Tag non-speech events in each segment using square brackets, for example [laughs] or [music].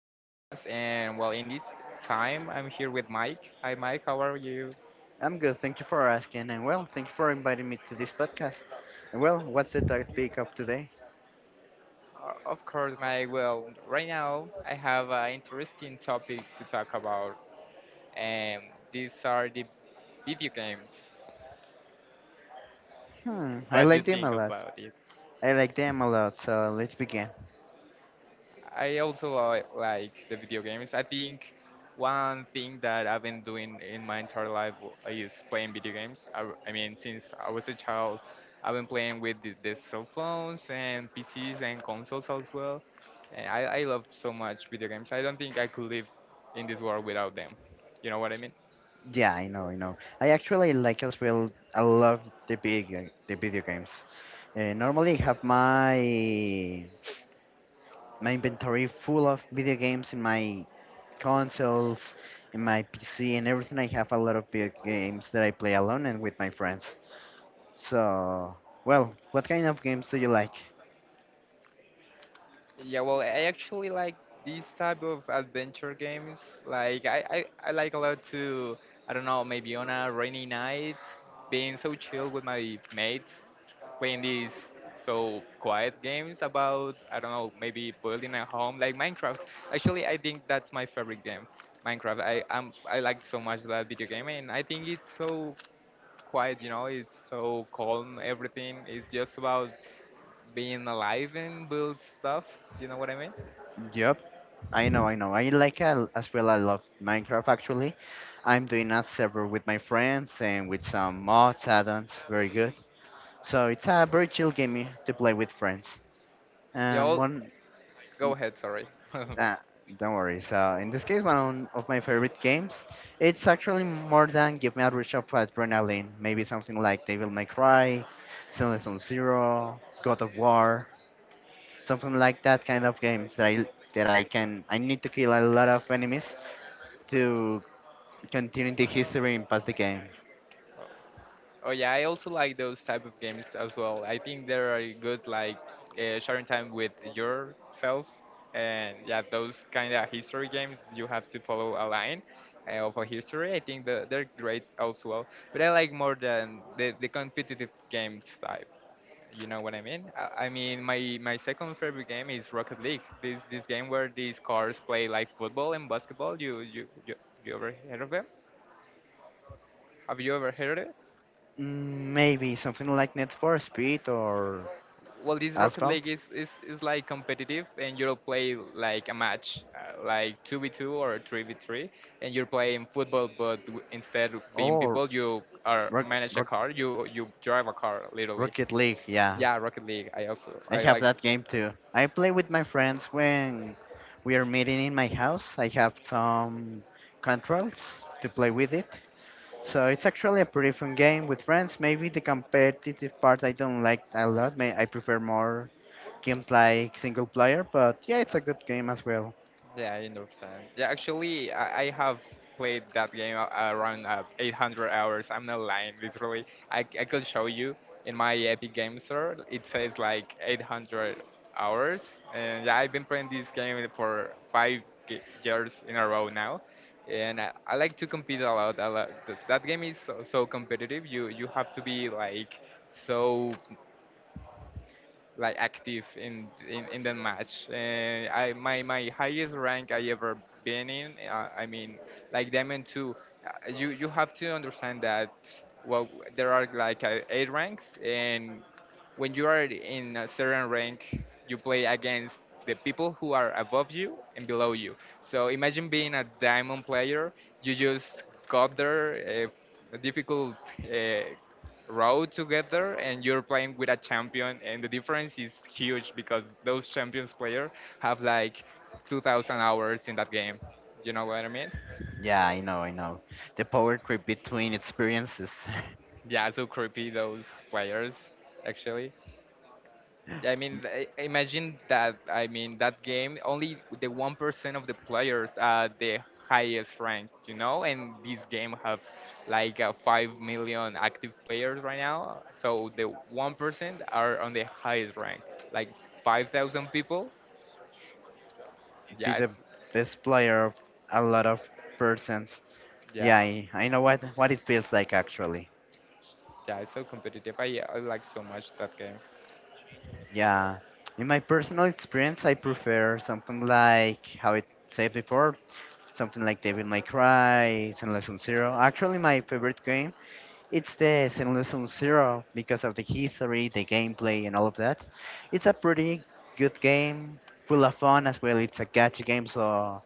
podcast, and well, in this time I'm here with Mike. Hi Mike, how are you? I'm good. Thank you for asking. And well, thank you for inviting me to this podcast. And well, what's the topic of today? Of course Mike, well right now I have an interesting topic to talk about and These are the video games. Hmm, I What do like you them a think lot. about it? I like them a lot. So let's begin. I also like the video games. I think one thing that I've been doing in my entire life is playing video games. I mean, since I was a child, I've been playing with the cell phones and PCs and consoles as well. And I love so much video games. I don't think I could live in this world without them. You know what I mean? Yeah, I know. I actually like as well. I love the video games. Normally, I have my inventory full of video games in my consoles, in my PC, and everything. I have a lot of video games that I play alone and with my friends. So, well, what kind of games do you like? Yeah, well, I actually like these type of adventure games. Like I like a lot to, I don't know, maybe on a rainy night, being so chill with my mates, playing these so quiet games about, I don't know, maybe building a home like Minecraft. Actually, I think that's my favorite game, Minecraft. I like so much that video game, and I think it's so quiet, it's so calm, everything is just about being alive and build stuff. Do you know what I mean? Yep, I know. I like as well. I love Minecraft actually. I'm doing a server with my friends and with some mods, add-ons. Very good. So it's a very chill game to play with friends. Yeah, Um, all, one, go mm, ahead. Sorry. [laughs] uh, don't worry. So in this case, one of my favorite games. It's actually more than give me a rush of adrenaline. Maybe something like Devil May Cry, Silent Hill Zero, God of War, something like that kind of games that I can I need to kill a lot of enemies to continue the history and pass the game. Oh yeah, I also like those type of games as well. I think they are good, like sharing time with yourself, and yeah, those kind of history games. You have to follow a line of a history. I think they're great as well. But I like more than the competitive games type. You know what I mean? I mean, my second favorite game is Rocket League. This game where these cars play like football and basketball. You, you ever heard of them? Have you ever heard it? Maybe something like Need for Speed or Well, this rocket league Asphalt is like competitive, and you'll play like a match like 2v2 or 3v3, and you're playing football but instead of being or people you are Rock, manage a Rock, car. You drive a car literally. Rocket League. Yeah, Yeah, rocket league, I also I I have like. that game too. I play with my friends when we are meeting in my house. I have some controls to play with it. So it's actually a pretty fun game with friends. Maybe the competitive part I don't like a lot. May I prefer more games like single player, but yeah, it's a good game as well. Yeah, I understand. Yeah, actually, I have played that game around 800 hours. I'm not lying, literally. I could show you in my Epic Game Store. It says like 800 hours. And yeah, I've been playing this game for five years in a row now. And I like to compete a lot. A lot. That game is so competitive. You have to be like so like active in the match. I my highest rank I ever been in. I mean, like Diamond two. You have to understand that well there are like eight ranks, and when you are in a certain rank, you play against the people who are above you and below you. So imagine being a diamond player. You just got there. Difficult uh, road together, and you're playing with a champion, and the difference is huge because those champions player have like 2,000 hours in that game. You know what I mean? Yeah, I know. The power creep between experiences. Yeah, so creepy those players actually. Imagine that. I mean, that game only the 1% of the players are the highest rank, you know, and this game have like 5 million active players right now. So the 1% are on the highest rank, like 5,000 people. [laughs] Be Yeah, it's, the best player of a lot of persons. Yeah, yeah, I know what it feels like actually. yeah, it's so competitive. I like so much that game. Yeah. In my personal experience, I prefer something like how it said before, something like Devil May Cry, Zenless Zone Zero. Actually, my favorite game it's the Zenless Zone Zero because of the history, the gameplay, and all of that. It's a pretty good game, full of fun as well. It's a gacha game, so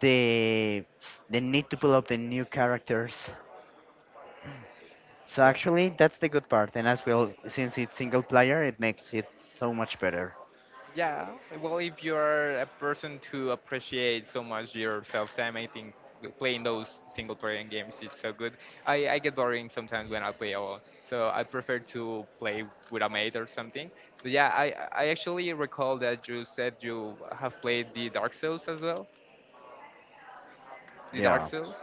the the need to pull up the new characters. So Yeah. actually, that's the good part. And as well, since it's single player, it makes it so much better. Yeah, well, if you're a person to appreciate so much your self time, I think playing those single player games is so good. I get boring sometimes when I play alone, so I prefer to play with a mate or something. But yeah, I actually recall that you said you have played the Dark Souls as well. The Dark Yeah. Souls,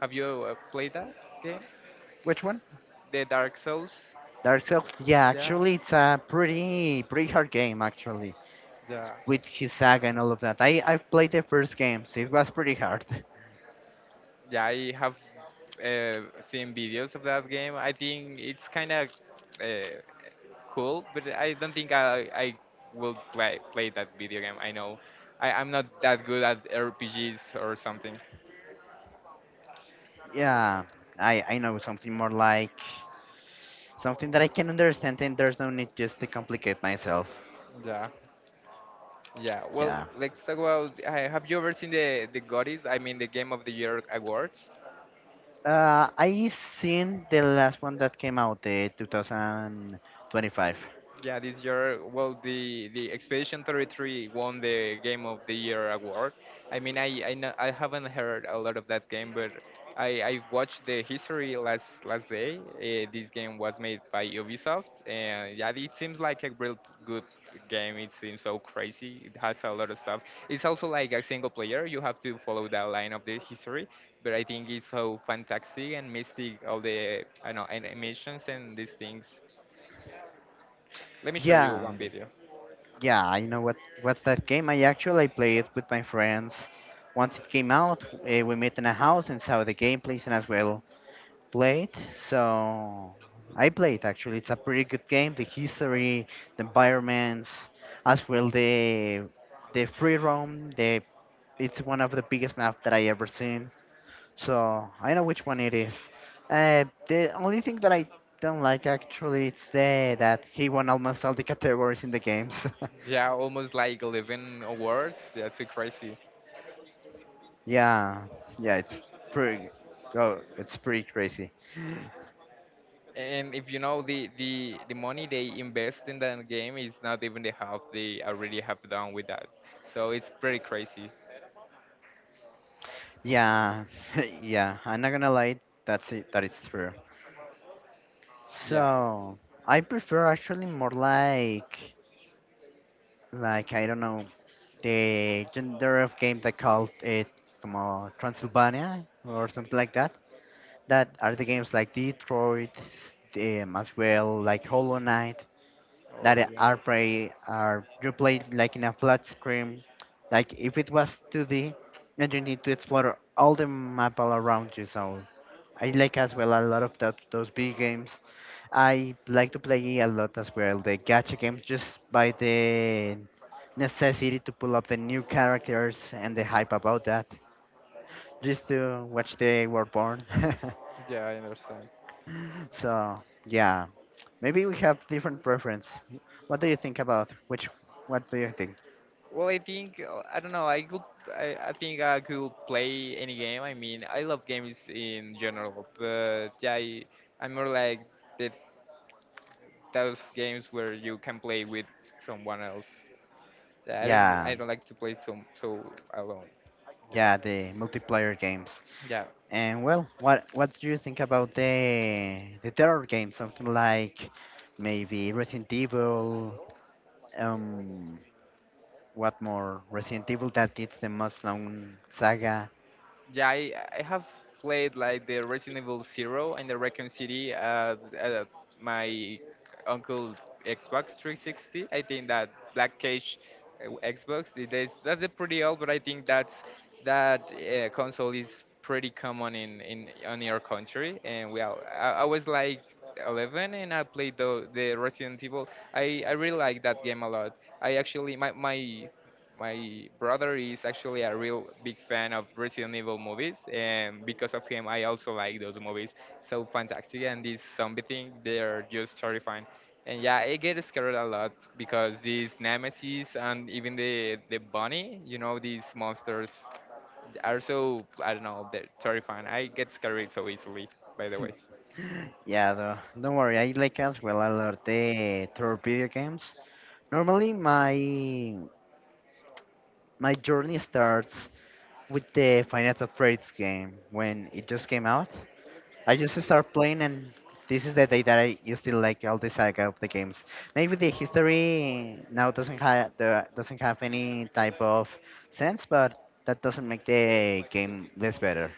have you played that game? Which one? The Dark Souls? Dark Souls. Yeah, Yeah, actually, it's a pretty hard game actually, yeah, with his saga and all of that. I've played the first games. It was pretty hard. [laughs] yeah. I have uh, seen videos of that game. I think it's kind of uh, cool, but I don't think I will play that video game. I know I'm not that good at RPGs or something. Yeah. I know something more like something that I can understand, and there's no need just to complicate myself. Yeah. Yeah. Well, Yeah. let's talk about. Have you ever seen the Gotis? I mean, the Game of the Year awards. I seen the last one that came out, the 2025. Yeah, this year, well, the Expedition 33 won the Game of the Year award. I mean, know, I haven't heard a lot of that game, but I watched the history last day. This game was made by Ubisoft, and yeah, it seems like a real good game. It seems so crazy. It has a lot of stuff. It's also like a single player. You have to follow the line of the history, but I think it's so fantastic and mystic. All the, I know, animations and these things. Let me show you Yeah, one video. yeah, I know what what's that game. I actually played it with my friends. Once it came out, we met in a house and saw the gameplays and as well played. So I played actually. It's a pretty good game. The history, the environments, as well the free roam. The it's one of the biggest map that I ever seen. So I know which one it is. The only thing that I don't like actually it's the that he won almost all the categories in the games. Yeah, almost like 11 awards, that's crazy. [laughs] Yeah, yeah, it's pretty. Oh, it's pretty crazy. And if you know the money they invest in that game is not even the half they already have done with that, so it's pretty crazy. Yeah, [laughs] yeah. I'm not gonna lie. That's it. That it's true. Yeah. So I prefer actually more like I don't know the gender of game they called it como Transylvania or something like that. That are the games like Detroit, as well like Hollow Knight, Oh that yeah, are play are you play like in a flat screen. Like if it was 2D, then you need to explore all the map all around you. So I like as well a lot of that, those big games. I like to play a lot as well the gacha games just by the necessity to pull up the new characters and the hype about that just to watch the world born. yeah, I understand. [laughs] So yeah, maybe we have different preference. What do you think about which? What do you think? Well, I think I don't know, I could, I think I could play any game. I mean, I love games in general, but yeah, I'm more like the, those games where you can play with someone else. I Yeah, don't like to play so alone, you know. yeah, the multiplayer games. Yeah, And well, what do you think about the terror games? Something like maybe Resident Evil. Um, what more? Resident Evil that it's the most known saga. yeah. I have played like the Resident Evil Zero and the Raccoon City at my uncle Xbox 360. I think that Black Cage Xbox. That's a pretty old, but I think that's that console is pretty common in on your country. And well, I was like 11 and I played the Resident Evil. I really like that game a lot. I actually my brother is actually a real big fan of Resident Evil movies, and because of him, I also like those movies. So fantastic, and this zombie thing, they're just terrifying. And yeah, I get scared a lot because these nemesis and even the bunny, you know, these monsters are so, I don't know, they're terrifying. I get scared so easily. By the way. Yeah, though, don't worry. I like as well a lot the terror video games. Normally, my journey starts with the Final Trades game when it just came out. I just started playing, and this is the day that I used to like all the saga of the games. Maybe the history now doesn't have any type of sense, but that doesn't make the game less better.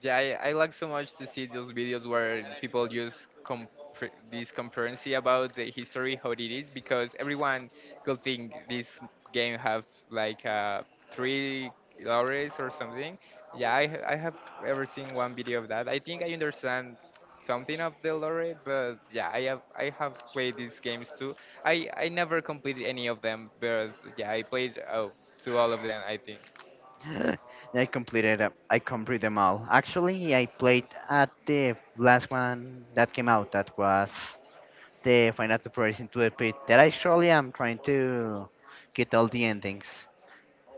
Yeah, I like so much to see those videos where people use this concurrency about the history, how it is, because everyone could think this game have like three lorries or something. Yeah, I have ever seen one video of that. I think I understand something of the lore, but yeah, I have played these games too. I never completed any of them, but yeah, I played to all of them, I think. [gasps] [laughs] I completed them all. Actually, I played at the last one that came out. That was the Final Trades into the Pit. That I surely am trying to get all the endings.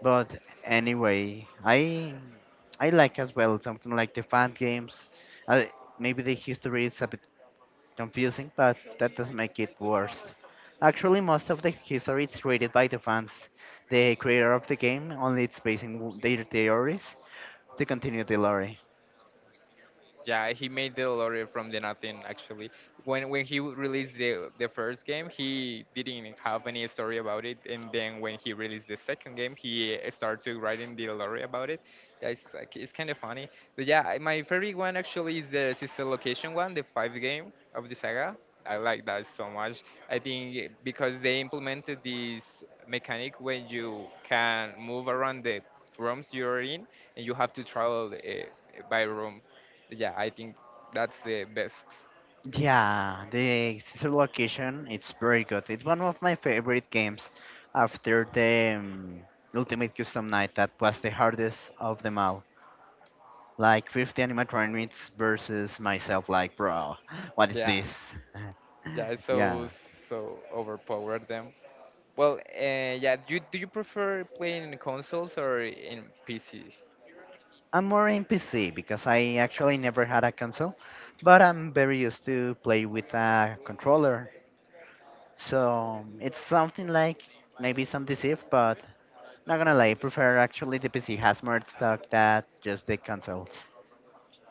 But anyway, I like as well something like the fan games. Uh, Maybe the history is a bit confusing, but that doesn't make it worse. Actually, most of the history is created by the fans. The creator of the game only it's basing their theories to continue the lore. Yeah, he made the lottery from the nothing actually. When he released the first game, he didn't have any story about it, and then when he released the second game, he started writing the lottery about it. Yeah, it's like, it's kind of funny. But yeah, my favorite one actually is the sister location one, the five game of the saga. I like that so much. I think because they implemented this mechanic when you can move around the rooms you're in, and you have to travel by room. Yeah, I think that's the best. Yeah, the Scissor Location it's very good. It's one of my favorite games after the Ultimate Custom Night that was the hardest of them all. Like 50 versus myself, like, bro, what is Yeah, this? yeah, it's [laughs] Yeah. so overpowered them. Well, yeah, do you prefer playing in consoles or in PC? I'm more in PC because I actually never had a console, but I'm very used to play with a controller. So it's something like maybe some deceive, but not gonna lie, I prefer actually the PC has more stock than just the consoles.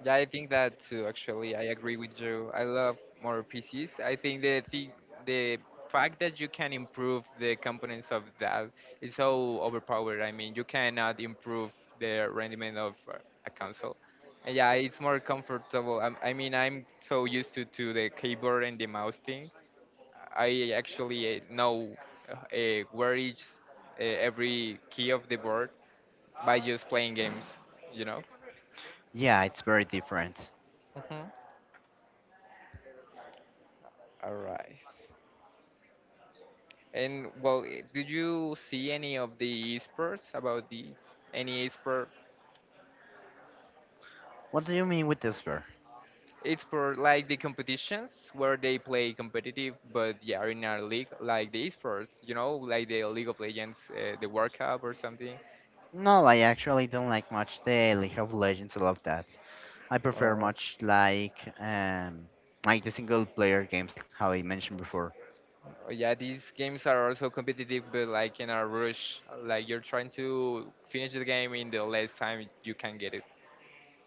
Yeah, I think that too. Actually, I agree with you. I love more PCs. I think the fact that you can improve the components of that is so overpowered. I mean, you cannot improve the rendering of a console. And yeah, it's more comfortable. I mean, I'm so used to the keyboard and the mouse thing. I actually know where is every key of the board by just playing games. You know. Yeah, it's very different. Mhm. All right. And well, did you see any of the esports about these? Any esport, What do you mean with this, bro? esport like the competitions where they play competitive, but yeah, in our league, like the esports, you know, like the League of Legends, the World Cup or something. No, I actually don't like much the League of Legends, all of that. I prefer Or much like the single player games how I mentioned before. or yeah, these games are also competitive, but like in a rush, like you're trying to finish the game in the less time you can get it.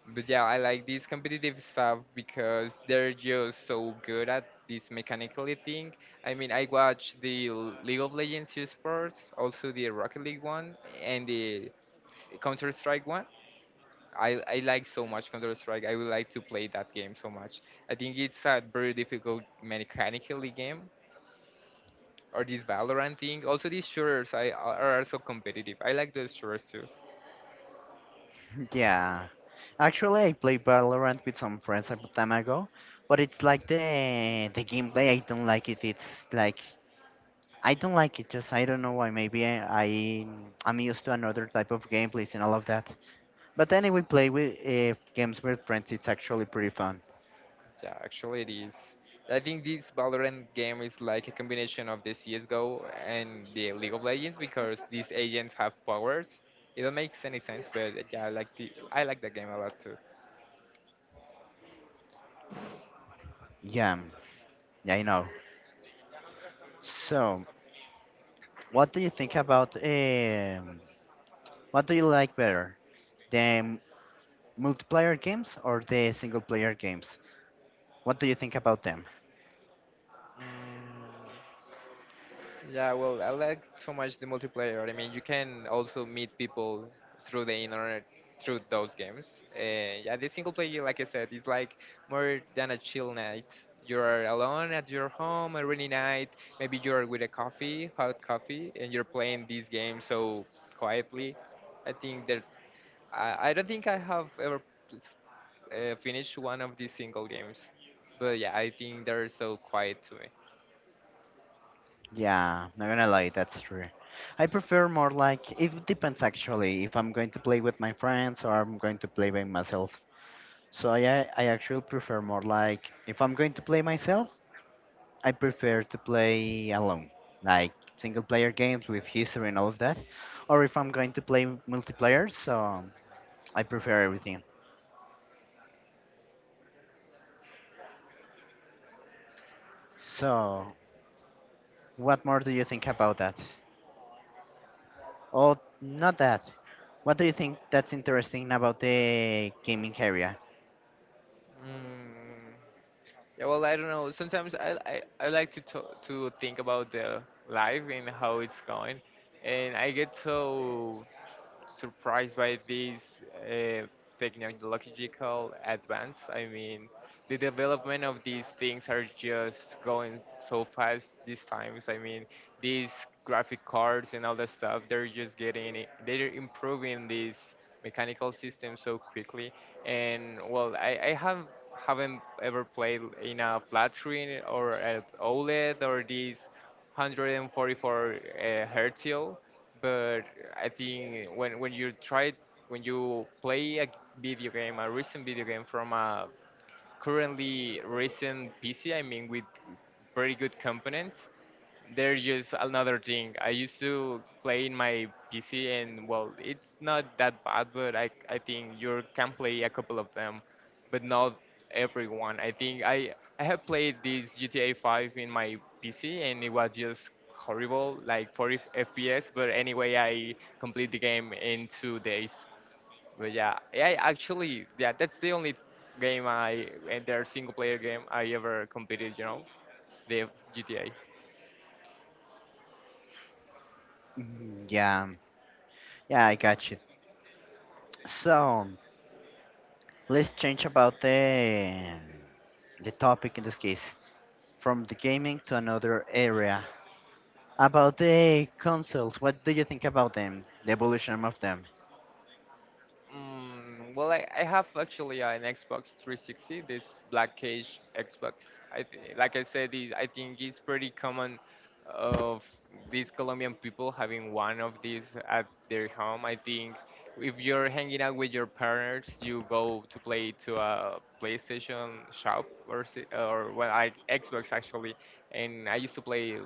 But yeah, I like this competitive stuff because they're just so good at this mechanically thing. I mean, I watch the League of Legends esports, also the Rocket League one, and the Counter Strike one. I like so much Counter Strike. I would like to play that game so much. I think it's a very difficult mechanically game, or this Valorant thing. Also, these shooters are so competitive. I like those shooters too. [laughs] Yeah. Actually I played Valorant with some friends a time ago, but it's like the gameplay I don't like it. It's like I don't like it just I don't know why maybe I I'm used to another type of gameplays and all of that. But anyway play with games with friends it's actually pretty fun. Yeah, actually it is. I think this Valorant game is like a combination of the CSGO and the League of Legends because these agents have powers. It don't make any sense, but yeah, I like the game a lot too. Yeah. Yeah, I know. So, what do you think about what do you like better? The multiplayer games or the single player games? What do you think about them? Mm, yeah, well, I like so much the multiplayer. I mean, you can also meet people through the internet through those games. Yeah, the single player, like I said, is like more than a chill night. You're alone at your home a rainy night. Maybe you're with a coffee, hot coffee, and you're playing these games so quietly. I think that I don't think I have ever finished one of these single games, but yeah, I think they're so quiet to me. Yeah, not gonna lie, that's true. I prefer more like it depends actually if I'm going to play with my friends or I'm going to play by myself. So yeah, I actually prefer more like if I'm going to play myself, I prefer to play alone, like single player games with history and all of that. Or if I'm going to play multiplayer, so I prefer everything. So, what more do you think about that? Oh, not that. What do you think that's interesting about the gaming area? Mm. Yeah, well, I don't know. Sometimes I like to talk, to think about the life and how it's going, and I get so surprised by these uh, technological advance. I mean, the development of these things are just going so fast these times. I mean, these graphic cards and all that stuff, they're just getting it, they're improving these mechanical systems so quickly. And well, I have haven't ever played in a flat screen or at OLED or these 144 hertz, but I think when you try when you play a video game, a recent video game from a currently recent PC, I mean with very good components, they're just another thing. I used to play in my PC, and well, it's not that bad, but I think you can play a couple of them, but not everyone. I think I have played this GTA 5 in my PC, and it was just horrible, like 40 FPS. But anyway, I complete the game in 2 days. But yeah, I actually yeah, that's the only game I and their single player game I ever completed. You know, the GTA. Yeah, yeah, I got you. So let's change about the topic in this case, from the gaming to another area. About the consoles, what do you think about them? The evolution of them? Mm, well, I have actually an Xbox 360, this Black Cage Xbox. I th Like I said, it, I think it's pretty common of these Colombian people having one of these at their home. I think if you're hanging out with your partners, you go to play to a PlayStation shop or well, I, Xbox actually, and I used to play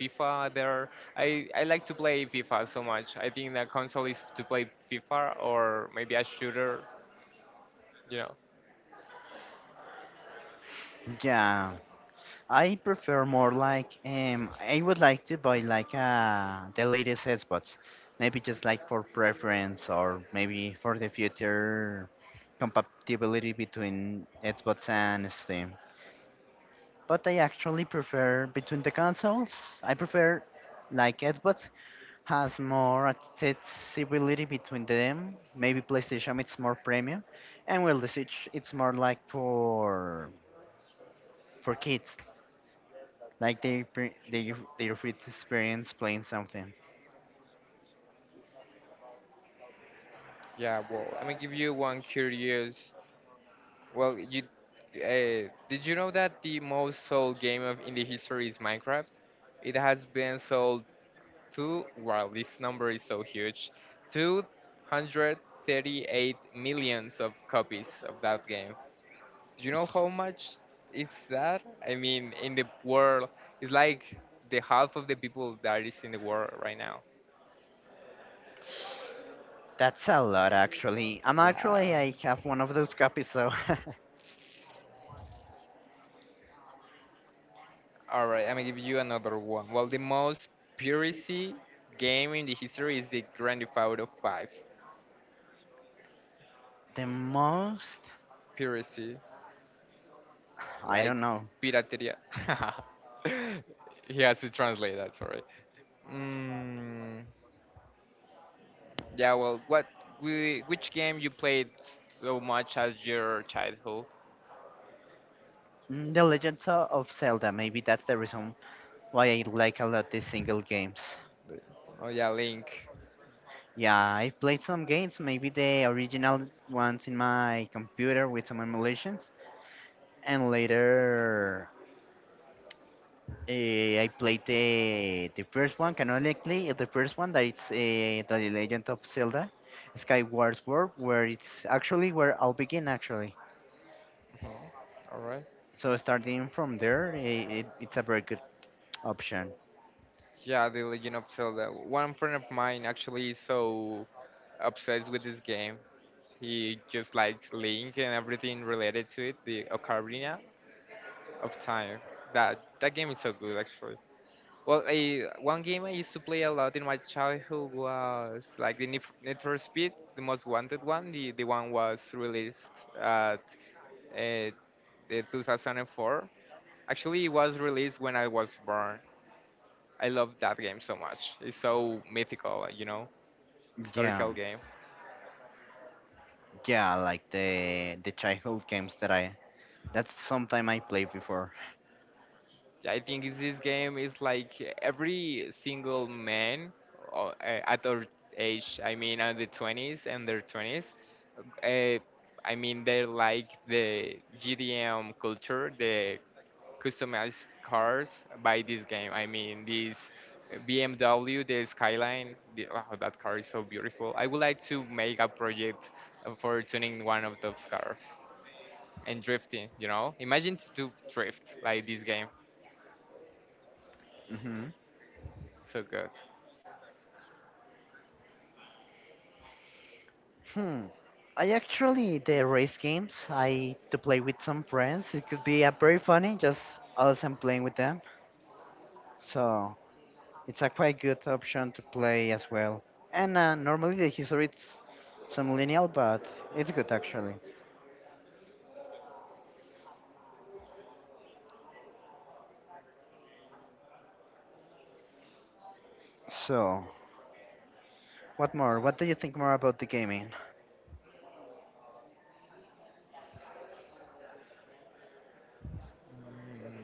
FIFA there. I like to play FIFA so much. I think the console is to play FIFA or maybe a shooter, you know. Yeah. I prefer more like I would like to buy like the latest Xbox. Maybe just like for preference or maybe for the future compatibility between Xbox and Steam. But I actually prefer between the consoles. I prefer like Xbox has more accessibility between them. Maybe PlayStation it's more premium and well the Switch it's more like for kids. Like they their first experience playing something. Yeah, well, I'm gonna give you one curious. Well, you did you know that the most sold game of in the history is Minecraft? It has been sold to, wow, this number is so huge, 238 millions of copies of that game. Do you know how much is that? I mean, in the world, it's like the half of the people that is in the world right now. That's a lot actually. I'm Oh yeah, actually I yeah. have one of those copies so. All right, I'm gonna give you another one. Well, the most piracy game in the history is the Grand Theft Auto 5. [laughs] The most Piracy, I like don't know. pirateria. [laughs] He has to translate that. Sorry. Mm, yeah. Well, what? Which game you played so much as your childhood? The Legends of Zelda, maybe that's the reason why I like a lot these single games. The- Oh yeah, Link. Yeah, I've played some games, maybe the original ones in my computer with some emulations, and later I played the first one canonically. The first one that it's the Legend of Zelda, Skyward Sword, where it's actually where I'll begin actually. Oh, all right. So starting from there, it's a very good option. Yeah, The Legend of Zelda. One friend of mine actually is so obsessed with this game. He just likes Link and everything related to it, the Ocarina of Time. That game is so good actually. Well, I, one game I used to play a lot in my childhood was like the Need for Speed, the most wanted one. The one was released at uh, the 2004. Actually, it was released when I was born. I love that game so much. It's so mythical, you know, Yeah, historical game. yeah, like the childhood games that I that's sometime I played before. I think is this game is like every single man at our age, I mean, at the 20s and their 20s, uh, I mean, they like the GDM culture, the customized cars by this game. I mean, this BMW, the Skyline, the, oh, that car is so beautiful. I would like to make a project for tuning one of those cars and drifting. You know, imagine to do drift like this game. Hmm. So good. Hmm. I actually the race games I to play with some friends. It could be a very funny just us and playing with them. So. It's a quite good option to play as well. And normally the history it's some lineal, but it's good actually. So, what more? What do you think more about the gaming? Mm.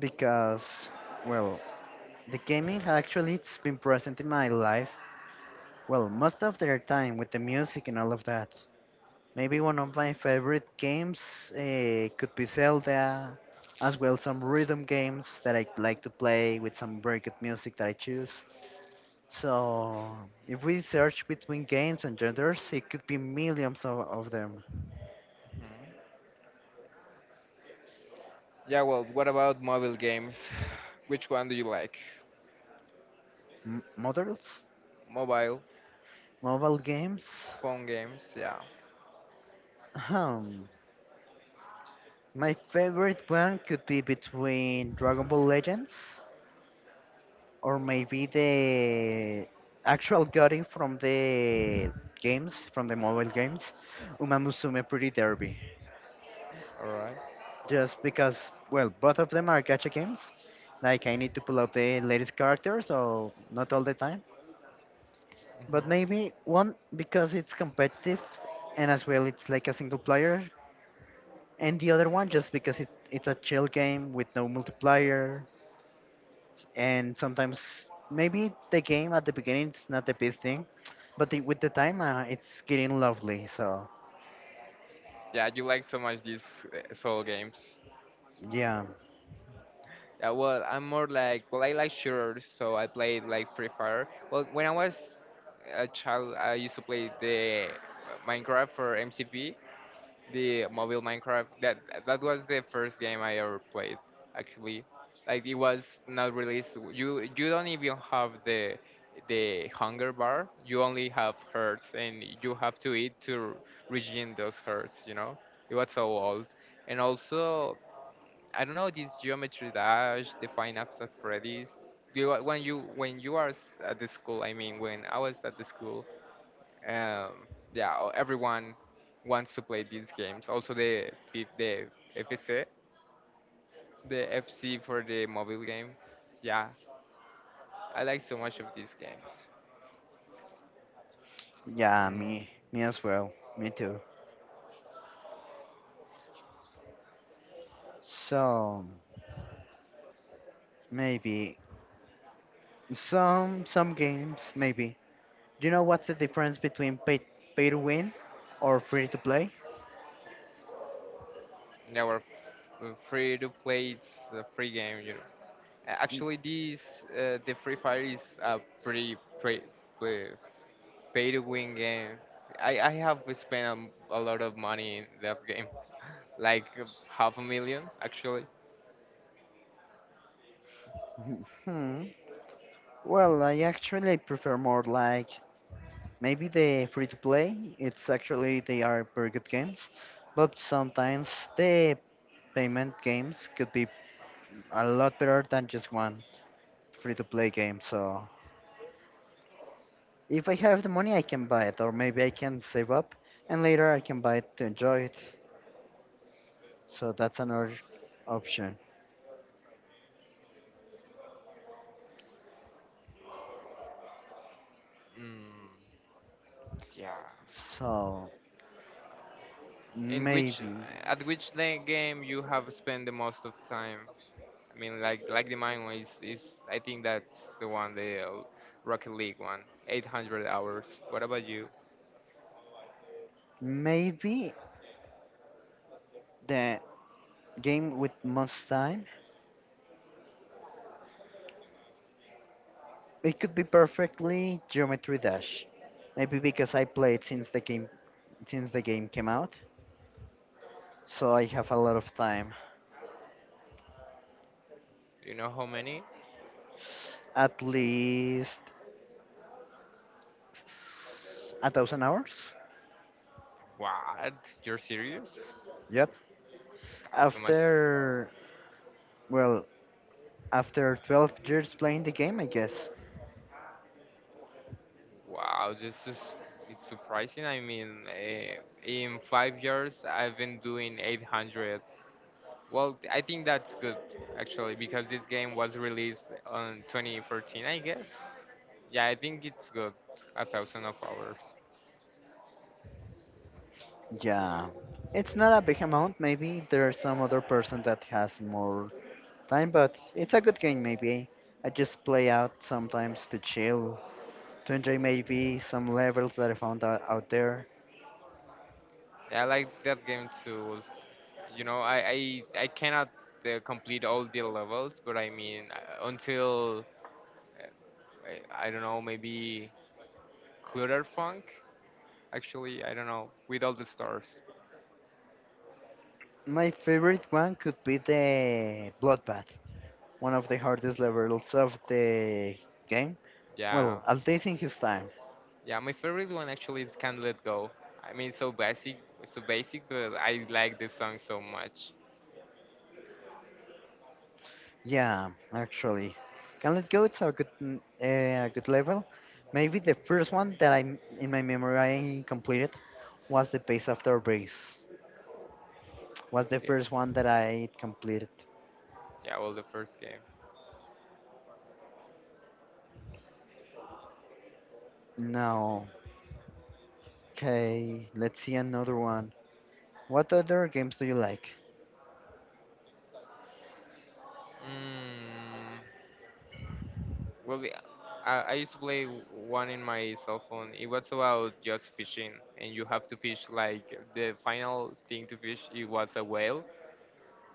Because, well, the gaming actually it's been present in my life. Well, most of their time with the music and all of that. Maybe one of my favorite games could be Zelda, as well some rhythm games that I like to play with some very good music that I choose. So, if we search between games and genders, it could be millions of them. Mhm. Yeah, well, what about mobile games? [sighs] Which one do you like? M- models? Mobile, Mobile games? phone games, yeah. Um, my favorite one could be between Dragon Ball Legends or maybe the actual goddess from the mobile games, Uma Musume Pretty Derby. Alright. Just because, well, both of them are gacha games. Like, I need to pull up the latest characters, so not all the time. But Mhm. maybe one because it's competitive and as well it's like a single player, and the other one just because it's a chill game with no multiplayer, and sometimes maybe the game at the beginning it's not the best thing, but the, with the time it's getting lovely. So Yeah, you like so much these soul games. yeah, Yeah, well, I'm more like, well, I like shooters, so I played like Free Fire. Well, when I was a child, I used to play the Minecraft for MCP, the mobile Minecraft. That was the first game I ever played. Actually, like it was not released. You don't even have the hunger bar. You only have herds, and you have to eat to regain those herds. You know, it was so old. And also, I don't know this Geometry Dash, the Five Nights at Freddy's. You, when you when you are at the school, I mean, when I was at the school, um, yeah, everyone wants to play these games. Also the F- the FC, the FC for the mobile game. Yeah, I like so much of these games. yeah, Mm, me as well, me too. So maybe some games maybe. Do you know what's the difference between pay to win or free to play? they were free to play. It's a free game, you know. Actually, this the Free Fire is a pretty pre- pay to win game. I have spent a lot of money in that game, like half a million actually. [laughs] Hmm. Well, I actually prefer more like maybe the free to play. It's actually they are very good games, but sometimes the payment games could be a lot better than just one free to play game. So if I have the money, I can buy it, or maybe I can save up and later I can buy it to enjoy it. So that's another option. Mm, yeah. So In which, maybe, at which game you have spent the most of time? I mean, like the mine one is, I think that's the one, the Rocket League one, 800 hours. What about you? maybe the game with most time it could be perfectly Geometry Dash. Maybe because I played since the game came out, so I have a lot of time. Do you know how many? At least 1,000 hours. What? You're serious? Yep. That's so much. After well, after 12 years playing the game, I guess. Wow, this is it's surprising. I mean, in 5 years I've been doing 800. Well, I think that's good actually because this game was released on 2014, I guess. Yeah, I think it's good. A thousand of hours. Yeah. It's not a big amount. Maybe there's some other person that has more time, but it's a good game. Maybe I just play out sometimes to chill to enjoy maybe some levels that I found out, out there. I like that game too. You know, I cannot complete all the levels, but I mean uh, I don't know, maybe Clutterfunk. Actually, I don't know with all the stars. My favorite one could be the Bloodbath, one of the hardest levels of Oh, the game. yeah, Well, at least in his time. yeah. My favorite one actually is Can't Let Go. I mean, it's so basic, but I like this song so much. Yeah, actually. Can Let Go, it's a good, a good level. Maybe the first one that in my memory, I completed was the Base After Base. Was the Yeah, first one that I completed. yeah. Well, the first game. No. Okay, let's see another one. What other games do you like? Mm. Well, I used to play one in my cell phone. It was about just fishing, and you have to fish like the final thing to fish. It was a whale.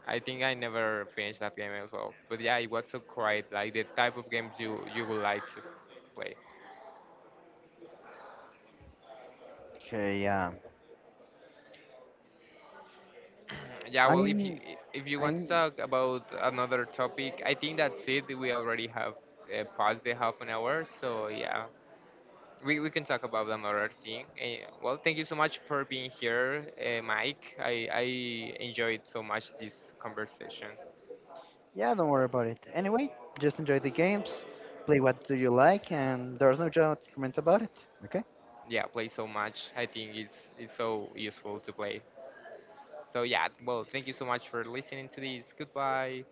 I think I never finished that game as well. But yeah, it was so great. Like the type of games you would like to play. Okay, yeah. Yeah. Well, I'm, if you want to I'm, talk about another topic, I think that's it. We already have passed the half an hour. So yeah, we can talk about another thing. Well, thank you so much for being here, Mike. I enjoyed so much this conversation. yeah, don't worry about it. Anyway, just enjoy the games, play what do you like, and there's no judgment about it. Okay? Yeah, play so much. I think it's so useful to play. So, yeah, well, thank you so much for listening to this. Goodbye.